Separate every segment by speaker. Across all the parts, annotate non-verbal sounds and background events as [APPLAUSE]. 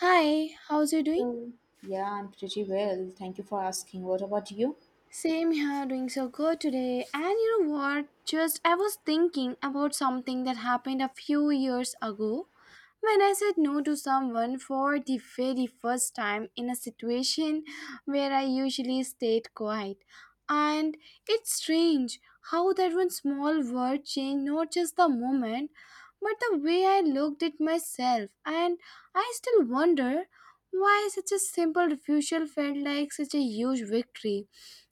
Speaker 1: Hi, how's you doing?
Speaker 2: Hello. Yeah, I'm pretty well. Thank you for asking. What about you?
Speaker 1: Same here, doing so good today. And you know what? Just I was thinking about something that happened a few years ago when I said no to someone for the very first time in a situation where I usually stayed quiet. And it's strange how that one small word changed not just the moment, but the way I looked at myself. And I still wonder why such a simple refusal felt like such a huge victory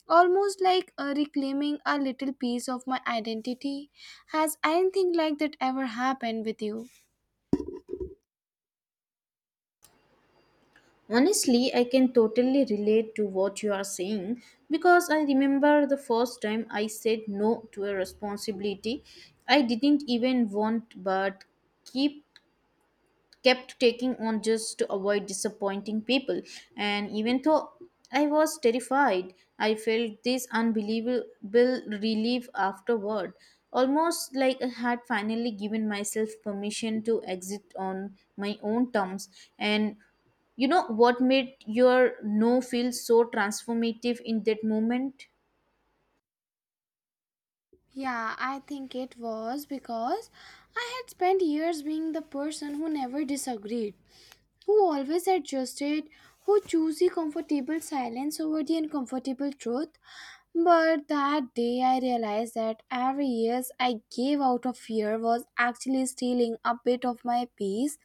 Speaker 1: almost like reclaiming a little piece of my identity. Has anything like that ever happened with you?
Speaker 2: Honestly, I can totally relate to what you are saying because I remember the first time I said no to a responsibility I didn't even want but keep kept taking on just to avoid disappointing people. And even though I was terrified, I felt this unbelievable relief afterward, almost like I had finally given myself permission to exit on my own terms. And you know what made your no feel so transformative in that moment?
Speaker 1: Yeah, I think it was because I had spent years being the person who never disagreed, who always adjusted, who chose the comfortable silence over the uncomfortable truth. But that day I realized that every yes I gave out of fear was actually stealing a bit of my peace.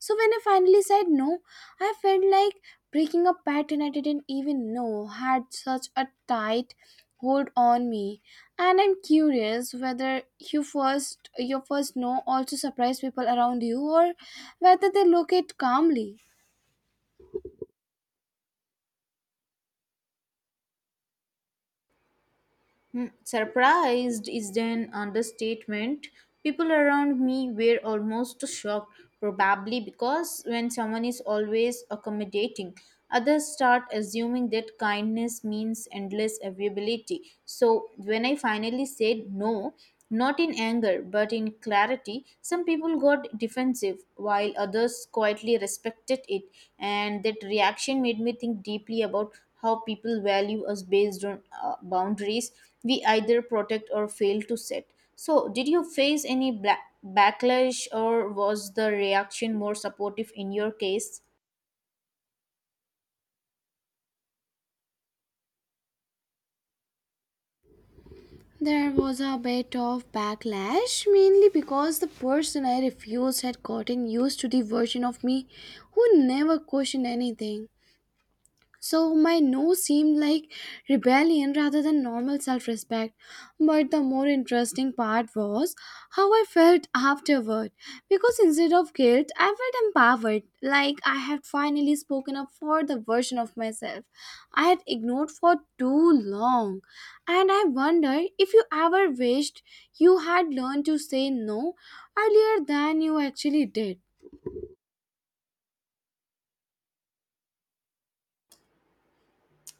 Speaker 1: So when I finally said no, I felt like breaking a pattern I didn't even know had such a tight hold on me. And I'm curious whether your first no also surprised people around you, or whether they look it calmly.
Speaker 2: Hmm, surprised is an understatement. People around me were almost shocked, probably because when someone is always accommodating, others start assuming that kindness means endless availability. So when I finally said no, not in anger but in clarity, some people got defensive while others quietly respected it, and that reaction made me think deeply about how people value us based on boundaries we either protect or fail to set. So, did you face any backlash, or was the reaction more supportive in your case?
Speaker 1: There was a bit of backlash, mainly because the person I refused had gotten used to the version of me who never questioned anything. So my no seemed like rebellion rather than normal self respect. But the more interesting part was how I felt afterward. Because instead of guilt, I felt empowered, like I had finally spoken up for the version of myself I had ignored for too long. And I wonder if you ever wished you had learned to say no earlier than you actually did.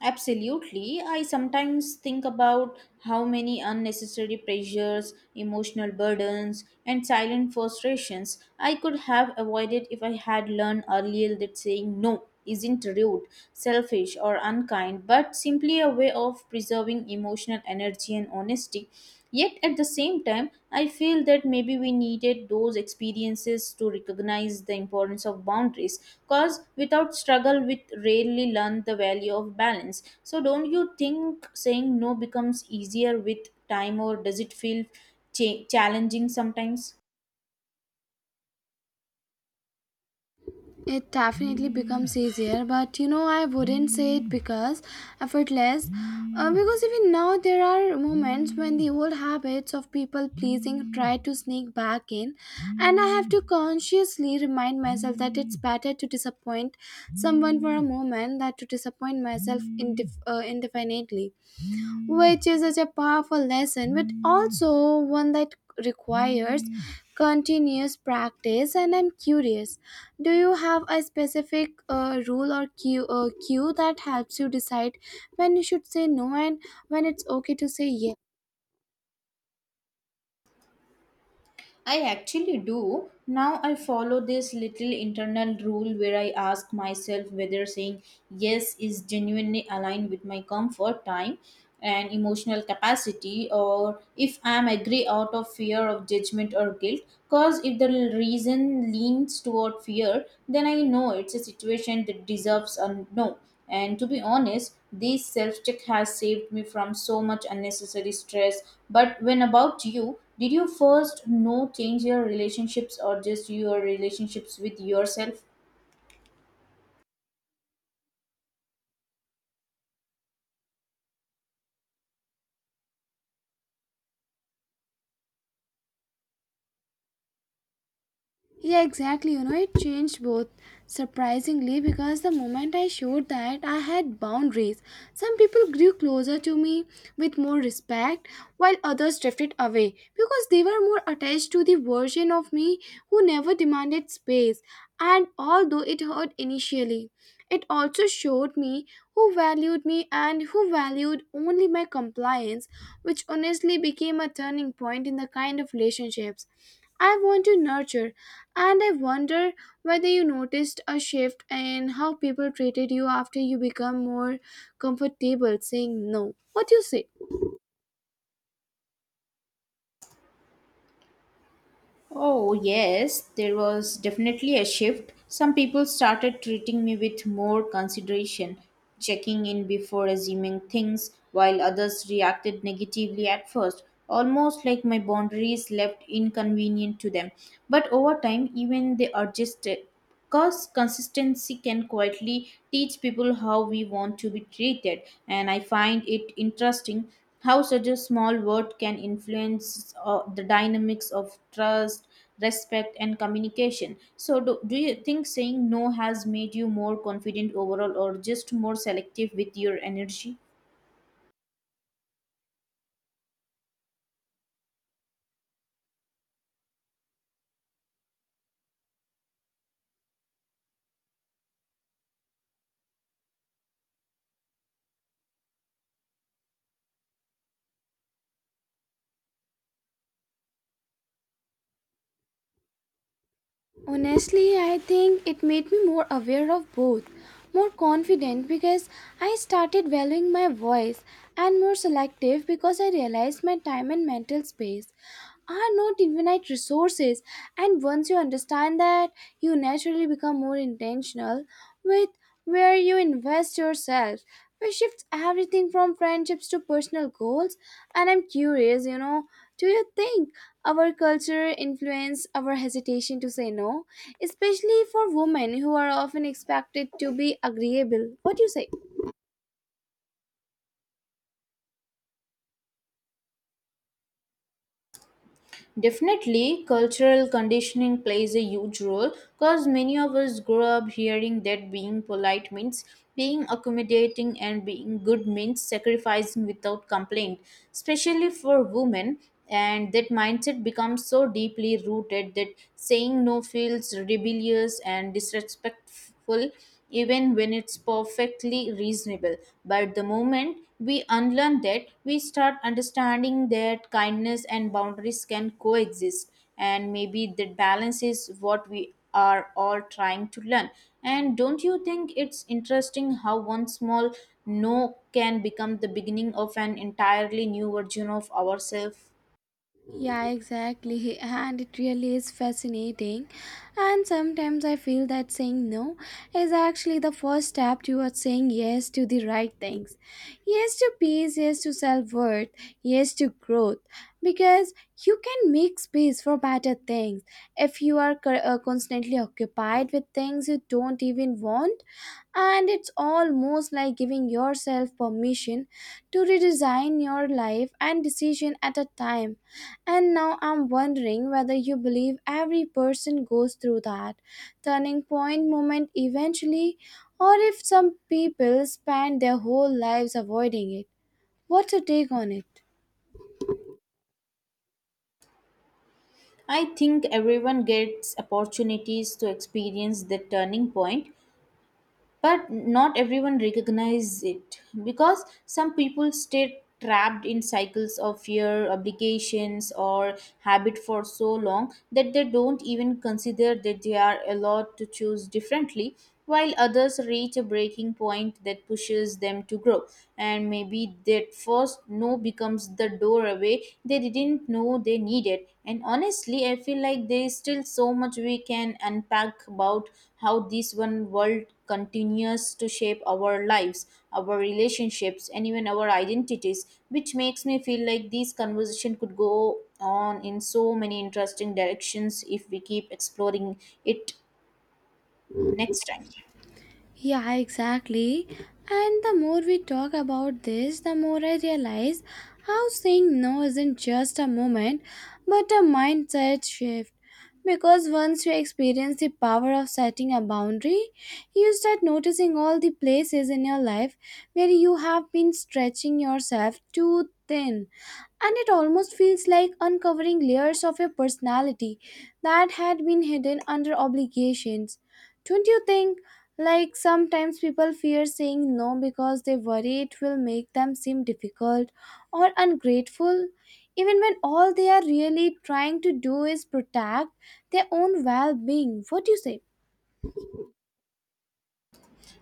Speaker 2: Absolutely. I sometimes think about how many unnecessary pressures, emotional burdens, and silent frustrations I could have avoided if I had learned earlier that saying no isn't rude, selfish, or unkind, but simply a way of preserving emotional energy and honesty. Yet at the same time, I feel that maybe we needed those experiences to recognize the importance of boundaries, because without struggle, we rarely learn the value of balance. So, don't you think saying no becomes easier with time, or does it feel challenging sometimes?
Speaker 1: It definitely becomes easier, but you know, I wouldn't say it because effortless. Because even now, there are moments when the old habits of people pleasing try to sneak back in, and I have to consciously remind myself that it's better to disappoint someone for a moment than to disappoint myself indefinitely, which is such a powerful lesson, but also one that requires continuous practice. And I'm curious, do you have a specific rule or cue that helps you decide when you should say no and when it's okay to say yes?
Speaker 2: I actually do. Now I follow this little internal rule where I ask myself whether saying yes is genuinely aligned with my comfort time and emotional capacity, or if I am agree out of fear of judgment or guilt, cause if the reason leans toward fear, then I know it's a situation that deserves a no, and to be honest, this self check has saved me from so much unnecessary stress. But when about you, did you first know change your relationships or just your relationships with yourself?
Speaker 1: Yeah, exactly. You know, it changed both, surprisingly, because the moment I showed that I had boundaries, some people grew closer to me with more respect, while others drifted away because they were more attached to the version of me who never demanded space. And although it hurt initially, it also showed me who valued me and who valued only my compliance, which honestly became a turning point in the kind of relationships I want to nurture. And I wonder whether you noticed a shift in how people treated you after you become more comfortable saying no. What do you say?
Speaker 2: Oh, yes, there was definitely a shift. Some people started treating me with more consideration, checking in before assuming things, while others reacted negatively at first, almost like my boundaries left inconvenient to them. But over time, even they adjusted, because consistency can quietly teach people how we want to be treated, and I find it interesting how such a small word can influence the dynamics of trust, respect, and communication. So, do you think saying no has made you more confident overall or just more selective with your energy?
Speaker 1: Honestly, I think it made me more aware of both, more confident because I started valuing my voice, and more selective because I realized my time and mental space are not infinite resources. And once you understand that, you naturally become more intentional with where you invest yourself, which shifts everything from friendships to personal goals. And I'm curious, you know, do you think our culture influence our hesitation to say no, especially for women who are often expected to be agreeable? What do you say?
Speaker 2: Definitely, cultural conditioning plays a huge role because many of us grow up hearing that being polite means being accommodating and being good means sacrificing without complaint, especially for women. And that mindset becomes so deeply rooted that saying no feels rebellious and disrespectful even when it's perfectly reasonable. But the moment we unlearn that, we start understanding that kindness and boundaries can coexist, and maybe that balance is what we are all trying to learn. And don't you think it's interesting how one small no can become the beginning of an entirely new version of ourselves?
Speaker 1: Yeah, exactly. [LAUGHS] And it really is fascinating. And sometimes I feel that saying no is actually the first step towards saying yes to the right things. Yes to peace, yes to self worth, yes to growth. Because you can make space for better things. If you are constantly occupied with things you don't even want, and it's almost like giving yourself permission to redesign your life and decision at a time. And now I'm wondering whether you believe every person goes through that turning point moment eventually, or if some people spend their whole lives avoiding it. What's your take on it?
Speaker 2: I think everyone gets opportunities to experience the turning point, but not everyone recognizes it because some people stay trapped in cycles of fear obligations or habit for so long that they don't even consider that they are allowed to choose differently, while others reach a breaking point that pushes them to grow. And maybe that first no becomes the doorway they didn't know they needed. And honestly, I feel like there is still so much we can unpack about how this one world continues to shape our lives, our relationships, and even our identities, which makes me feel like these conversation could go on in so many interesting directions if we keep exploring it next time.
Speaker 1: Yeah, exactly. And the more we talk about this, the more I realize how saying no isn't just a moment but a mindset shift. Because once you experience the power of setting a boundary, you start noticing all the places in your life where you have been stretching yourself too thin. And it almost feels like uncovering layers of your personality that had been hidden under obligations. Don't you think? Like sometimes people fear saying no because they worry it will make them seem difficult or ungrateful. Even when all they are really trying to do is protect their own well being. What do you say?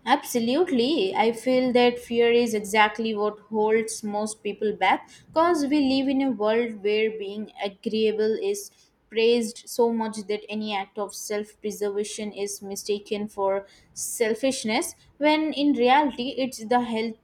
Speaker 2: Absolutely. I feel that fear is exactly what holds most people back because we live in a world where being agreeable is praised so much that any act of self preservation is mistaken for selfishness, when in reality, it's the health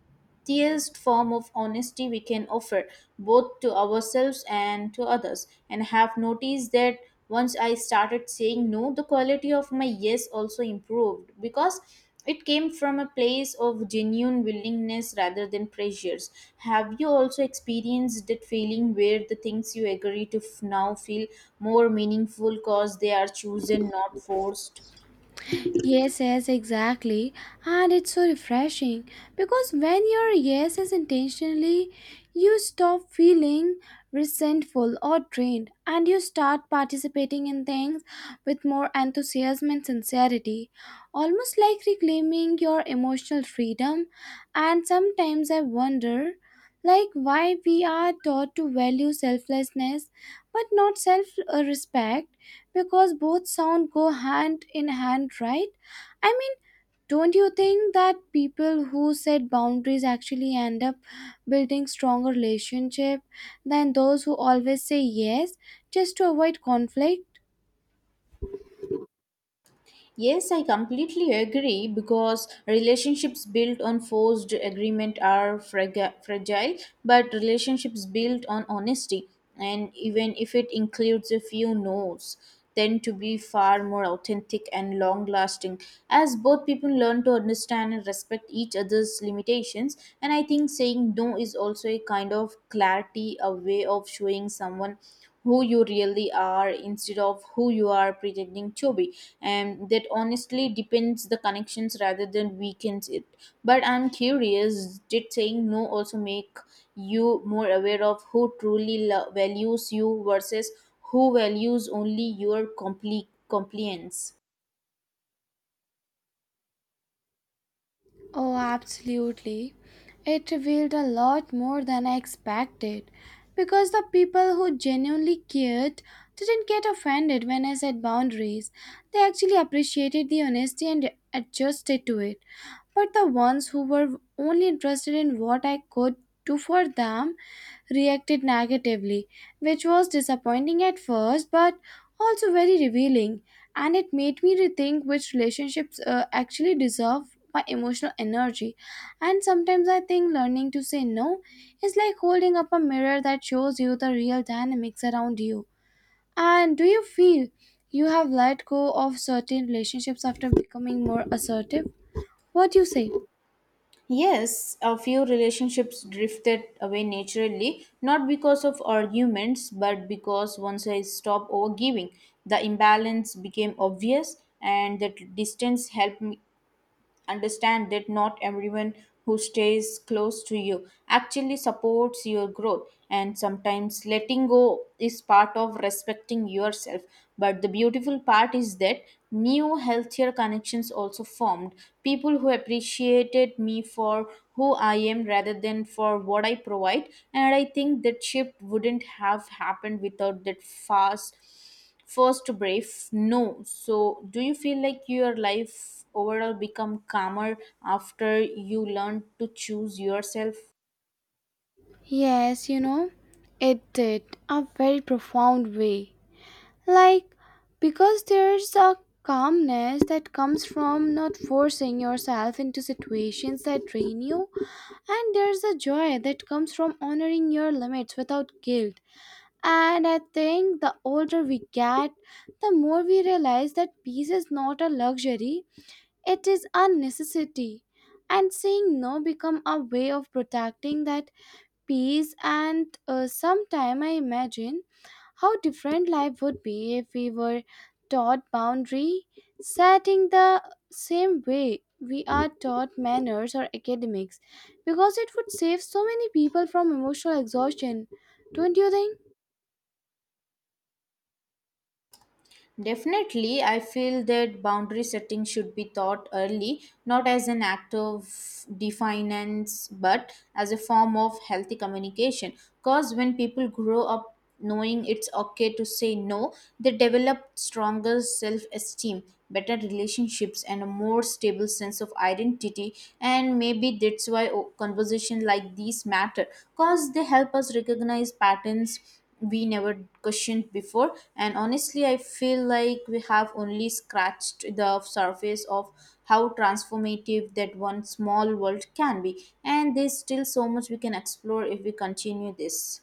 Speaker 2: highest form of honesty we can offer, both to ourselves and to others. And have noticed that once I started saying no, the quality of my yes also improved because it came from a place of genuine willingness rather than pressures. Have you also experienced that feeling where the things you agree to now feel more meaningful because they are chosen, not forced?
Speaker 1: Yes, yes, exactly. And it's so refreshing because when your yes is intentionally, you stop feeling resentful or drained and you start participating in things with more enthusiasm and sincerity, almost like reclaiming your emotional freedom. And sometimes I wonder like why we are taught to value selflessness but not self respect, because both sound go hand in hand, right? I mean, don't you think that people who set boundaries actually end up building stronger relationship than those who always say yes just to avoid conflict?
Speaker 2: Yes, I completely agree because relationships built on forced agreement are fragile, but relationships built on honesty, and even if it includes a few no's, tend to be far more authentic and long lasting, as both people learn to understand and respect each other's limitations. And I think saying no is also a kind of clarity, a way of showing someone who you really are instead of who you are pretending to be, and that honestly depends the connections rather than weakens it. But I'm curious, did saying no also make you more aware of who truly values you versus who values only your compliance?
Speaker 1: Oh, absolutely. It revealed a lot more than I expected because the people who genuinely cared didn't get offended when I set boundaries. They actually appreciated the honesty and adjusted to it. But the ones who were only interested in what I could do for them reacted negatively, which was disappointing at first but also very revealing. And it made me rethink which relationships actually deserve my emotional energy. And sometimes I think learning to say no is like holding up a mirror that shows you the real dynamics around you. And do you feel you have let go of certain relationships after becoming more assertive? What do you say?
Speaker 2: Yes, a few relationships drifted away naturally, not because of arguments, but because once I stopped overgiving, the imbalance became obvious, and that distance helped me understand that not everyone who stays close to you actually supports your growth, and sometimes letting go is part of respecting yourself. But the beautiful part is that new healthier connections also formed, people who appreciated me for who I am rather than for what I provide. And I think that shift wouldn't have happened without that fast first brave no. So do you feel like your life overall become calmer after you learn to choose yourself?
Speaker 1: Yes, you know, it did a very profound way. Like, because there's a calmness that comes from not forcing yourself into situations that drain you, and there's a joy that comes from honoring your limits without guilt. And I think the older we get, the more we realize that peace is not a luxury, it is a necessity. And saying no become a way of protecting that peace. And sometime I imagine how different life would be if we were taught boundary setting the same way we are taught manners or academics, because it would save so many people from emotional exhaustion. Don't you think?
Speaker 2: Definitely, I feel that boundary setting should be taught early, not as an act of defiance, but as a form of healthy communication. Because when people grow up knowing it's okay to say no, they develop stronger self esteem, better relationships, and a more stable sense of identity. And maybe that's why conversation like these matter, because they help us recognize patterns we never questioned before. And honestly, I feel like we have only scratched the surface of how transformative that one small world can be, and there's still so much we can explore if we continue this.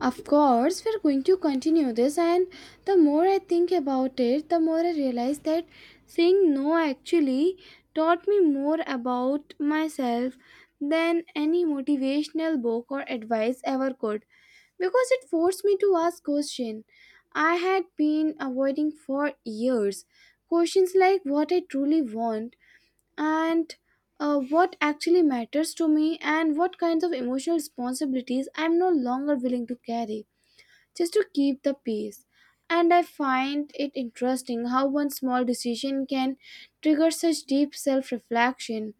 Speaker 1: Of course, we're going to continue this, and the more I think about it, the more I realize that saying no actually taught me more about myself than any motivational book or advice ever could, because it forced me to ask questions I had been avoiding for years. Questions like what I truly want and what actually matters to me, and what kinds of emotional responsibilities I'm no longer willing to carry just to keep the peace. And I find it interesting how one small decision can trigger such deep self reflection.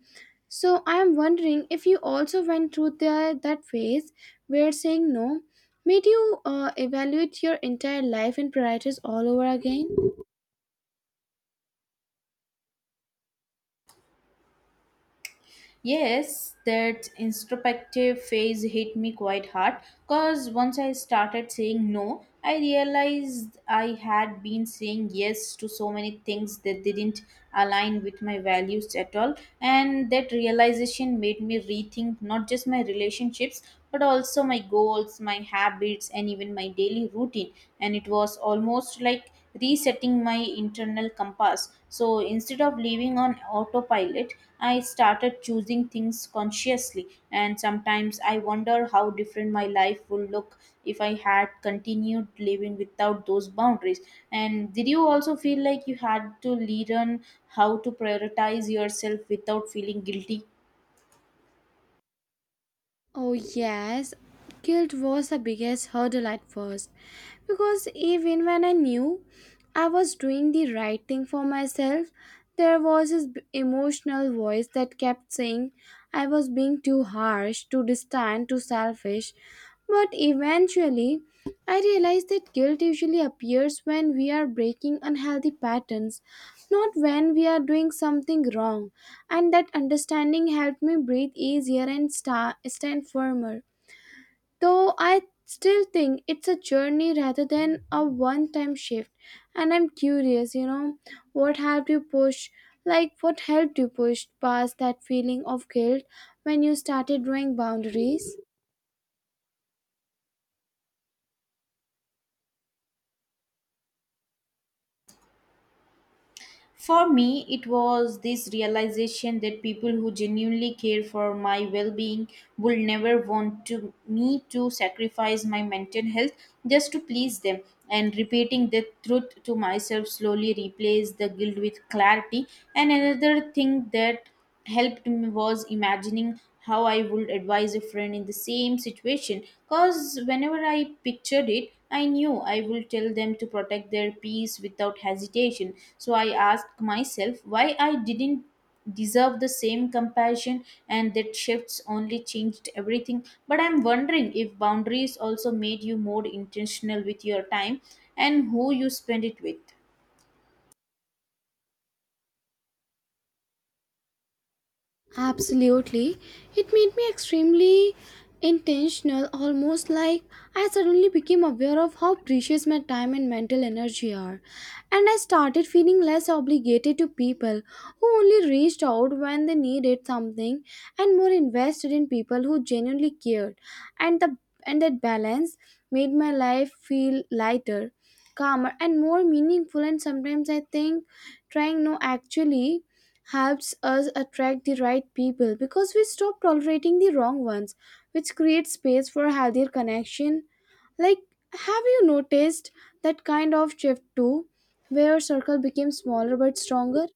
Speaker 1: So I am wondering if you also went through that phase where saying no made you evaluate your entire life and priorities all over again.
Speaker 2: Yes, that introspective phase hit me quite hard because once I started saying no, I realized I had been saying yes to so many things that didn't align with my values at all. And that realization made me rethink not just my relationships but also my goals, my habits, and even my daily routine. And it was almost like resetting my internal compass. So instead of living on autopilot, I started choosing things consciously. And sometimes I wonder how different my life would look if I had continued living without those boundaries. And did you also feel like you had to learn how to prioritize yourself without feeling guilty?
Speaker 1: Oh, yes, guilt was the biggest hurdle at first because even when I knew I was doing the right thing for myself, there was this emotional voice that kept saying I was being too harsh, too distant, too selfish. But eventually, I realized that guilt usually appears when we are breaking unhealthy patterns, not when we are doing something wrong, and that understanding helped me breathe easier and stand firmer. Though I still think it's a journey rather than a one time shift, and I'm curious, you know, what helped you push? Like, what helped you push past that feeling of guilt when you started drawing boundaries?
Speaker 2: For me, it was this realization that people who genuinely care for my well being will never want to, me to sacrifice my mental health just to please them. And repeating the truth to myself slowly replaced the guilt with clarity. And another thing that helped me was imagining how I would advise a friend in the same situation. Because whenever I pictured it, I knew I would tell them to protect their peace without hesitation. So I asked myself why I didn't deserve the same compassion, and that shifts only changed everything. But I'm wondering if boundaries also made you more intentional with your time and who you spend it with?
Speaker 1: Absolutely. It made me extremely intentional, almost like I suddenly became aware of how precious my time and mental energy are. And I started feeling less obligated to people who only reached out when they needed something and more invested in people who genuinely cared. And the and that balance made my life feel lighter, calmer and more meaningful. And sometimes I think trying no actually helps us attract the right people because we stop tolerating the wrong ones, which creates space for healthier connection. Like, have you noticed that kind of shift too, where circle became smaller but stronger?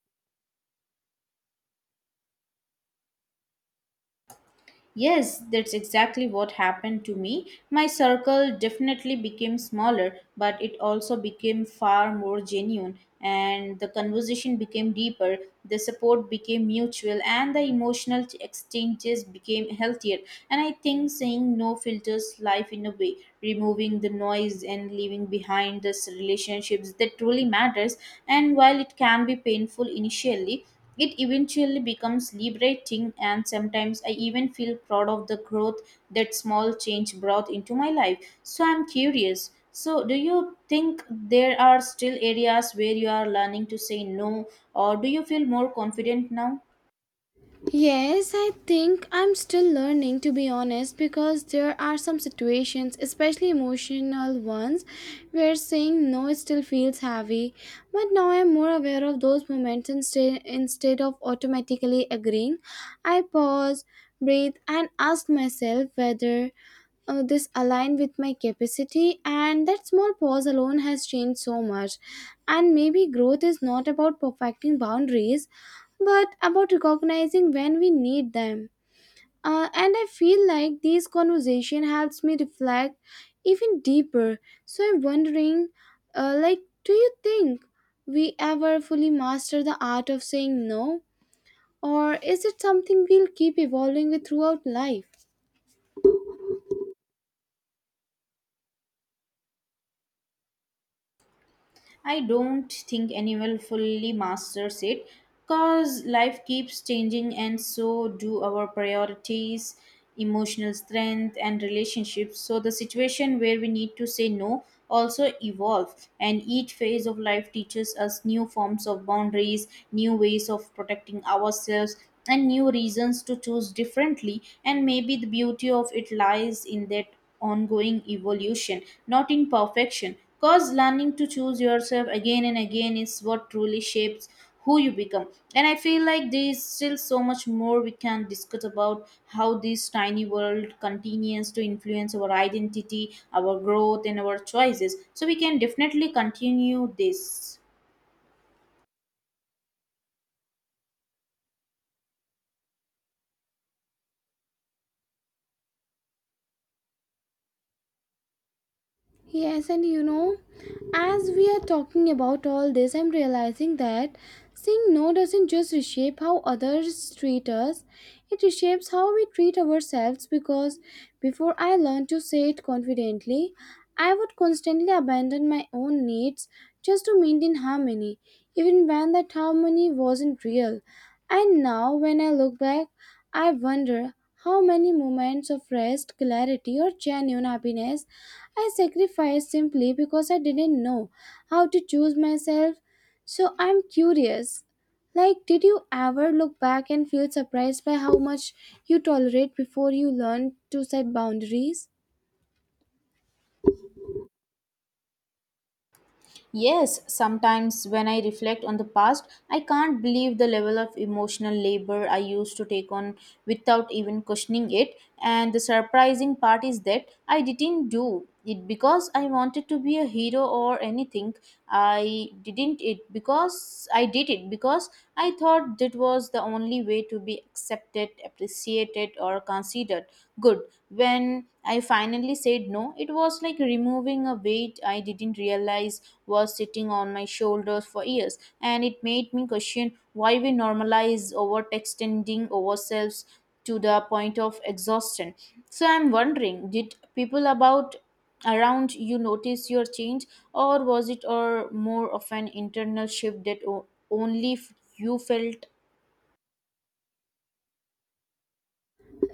Speaker 2: Yes, that's exactly what happened to me. My circle definitely became smaller, but it also became far more genuine, and the conversation became deeper, the support became mutual, and the emotional exchanges became healthier. And I think saying no filters life in a way, removing the noise and leaving behind the relationships that truly matters. And while it can be painful initially, it eventually becomes liberating, and sometimes I even feel proud of the growth that small change brought into my life. So I'm curious. So, do you think there are still areas where you are learning to say no, or do you feel more confident now?
Speaker 1: Yes, I think I'm still learning to be honest because there are some situations, especially emotional ones, where saying no still feels heavy. But now I'm more aware of those moments instead of automatically agreeing. I pause, breathe, and ask myself whether this align with my capacity, and that small pause alone has changed so much. And maybe growth is not about perfecting boundaries but about recognizing when we need them. And I feel like this conversation helps me reflect even deeper. So I'm wondering, like, do you think we ever fully master the art of saying no, or is it something we'll keep evolving with throughout life?
Speaker 2: I don't think anyone fully masters it because life keeps changing, and so do our priorities, emotional strength, and relationships. So the situation where we need to say no also evolve, and each phase of life teaches us new forms of boundaries, new ways of protecting ourselves, and new reasons to choose differently. And maybe the beauty of it lies in that ongoing evolution, not in perfection. Because learning to choose yourself again and again is what truly shapes who you become. And I feel like there is still so much more we can discuss about how this tiny world continues to influence our identity, our growth, and our choices. So we can definitely continue this.
Speaker 1: Yes, and you know, as we are talking about all this, I'm realizing that saying no doesn't just reshape how others treat us, it reshapes how we treat ourselves, because before I learned to say it confidently, I would constantly abandon my own needs just to maintain harmony, even when that harmony wasn't real. And now, when I look back, I wonder how many moments of rest, clarity, or genuine happiness I sacrificed simply because I didn't know how to choose myself. So I'm curious. Like, did you ever look back and feel surprised by how much you tolerate before you learn to set boundaries?
Speaker 2: Yes, sometimes when I reflect on the past, I can't believe the level of emotional labor I used to take on without even questioning it. And the surprising part is that I didn't do it because I wanted to be a hero or anything. I didn't it because I did it because I thought that was the only way to be accepted, appreciated, or considered good. When I finally said no, it was like removing a weight I didn't realize was sitting on my shoulders for years. And it made me question why we normalize overextending ourselves to the point of exhaustion. So I'm wondering, did people about around you notice your change, or was it or more of an internal shift that only you felt?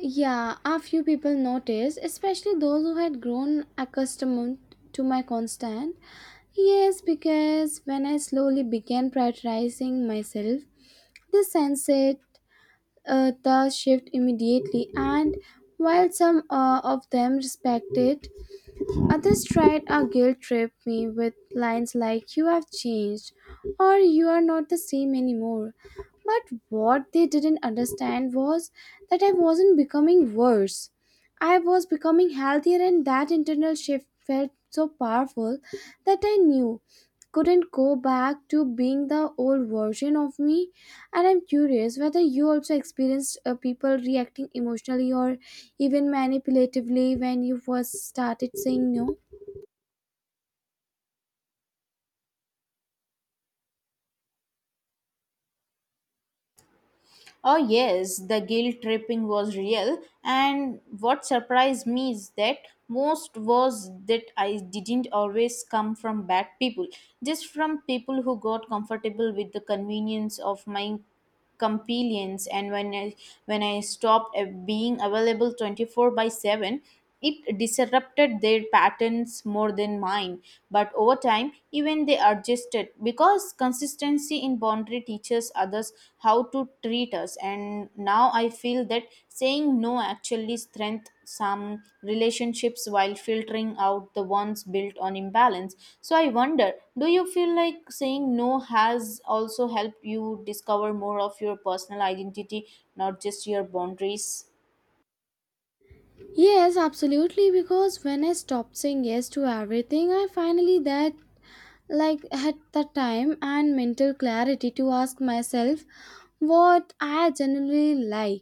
Speaker 1: Yeah, a few people noticed, especially those who had grown accustomed to my constant. Yes, because when I slowly began prioritizing myself, they sensed it, the shift immediately, and while some of them respect it, others tried a guilt trip me with lines like, "You have changed," or "You are not the same anymore." But what they didn't understand was that I wasn't becoming worse. I was becoming healthier, and that internal shift felt so powerful that I knew couldn't go back to being the old version of me. And I'm curious whether you also experienced people reacting emotionally or even manipulatively when you first started saying no?
Speaker 2: Oh, yes, the guilt tripping was real, and what surprised me is that most was that I didn't always come from bad people, just from people who got comfortable with the convenience of my companions. And when I stopped being available 24/7, it disrupted their patterns more than mine, but over time even they adjusted, because consistency in boundary teaches others how to treat us. And now I feel that saying no actually strength some relationships while filtering out the ones built on imbalance. So I wonder, do you feel like saying no has also helped you discover more of your personal identity, not just your boundaries?
Speaker 1: Yes, absolutely. Because when I stopped saying yes to everything, I finally that like had the time and mental clarity to ask myself what I genuinely like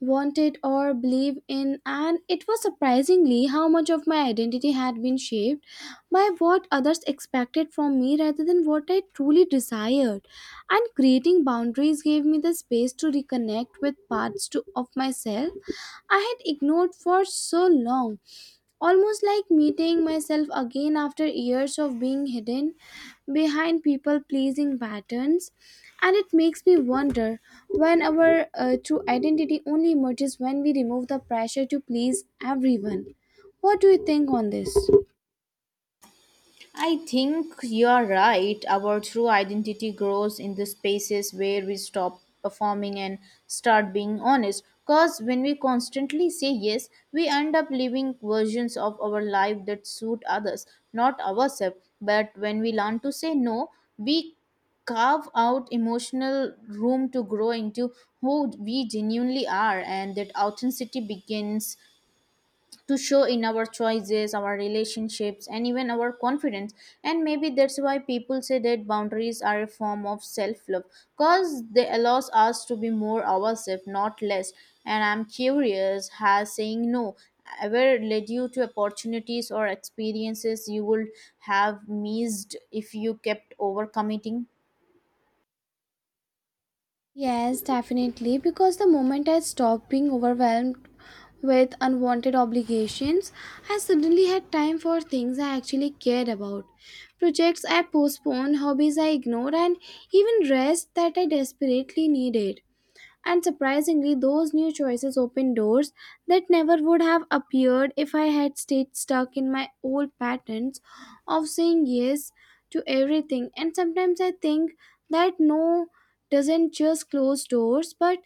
Speaker 1: wanted or believed in, and it was surprisingly how much of my identity had been shaped by what others expected from me rather than what I truly desired. And creating boundaries gave me the space to reconnect with of myself I had ignored for so long. Almost like meeting myself again after years of being hidden behind people pleasing patterns. And it makes me wonder when our true identity only emerges when we remove the pressure to please everyone. What do you think on this?
Speaker 2: I think you're right. Our true identity grows in the spaces where we stop performing and start being honest. Because when we constantly say yes, we end up living versions of our life that suit others, not ourselves. But when we learn to say no, we carve out emotional room to grow into who we genuinely are, and that authenticity begins to show in our choices, our relationships, and even our confidence. And maybe that's why people say that boundaries are a form of self love, because they allows us to be more ourselves, not less. And I'm curious, has saying no ever led you to opportunities or experiences you would have missed if you kept overcommitting?
Speaker 1: Yes, definitely. Because the moment I stopped being overwhelmed with unwanted obligations, I suddenly had time for things I actually cared about. Projects I postponed, hobbies I ignored, and even rest that I desperately needed. And surprisingly, those new choices open doors that never would have appeared if I had stayed stuck in my old patterns of saying yes to everything. And sometimes I think that no doesn't just close doors, but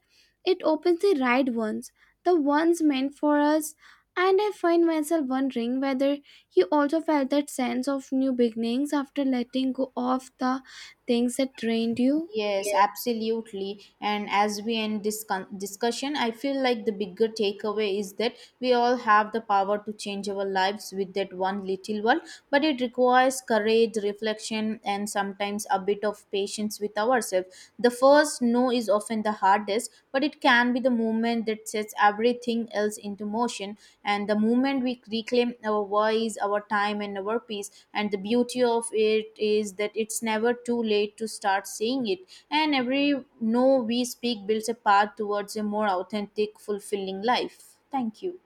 Speaker 1: it opens the right ones, the ones meant for us. And I find myself wondering whether you also felt that sense of new beginnings after letting go of the things that drained you.
Speaker 2: Yes, absolutely. And as we end this discussion, I feel like the bigger takeaway is that we all have the power to change our lives with that one little one, but it requires courage, reflection, and sometimes a bit of patience with ourselves. The first no is often the hardest, but it can be the moment that sets everything else into motion. And the moment we reclaim our voice, our time, and our peace, and the beauty of it is that it's never too late to start saying it. And every no we speak builds a path towards a more authentic, fulfilling life. Thank you.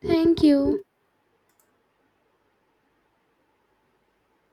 Speaker 1: Thank you.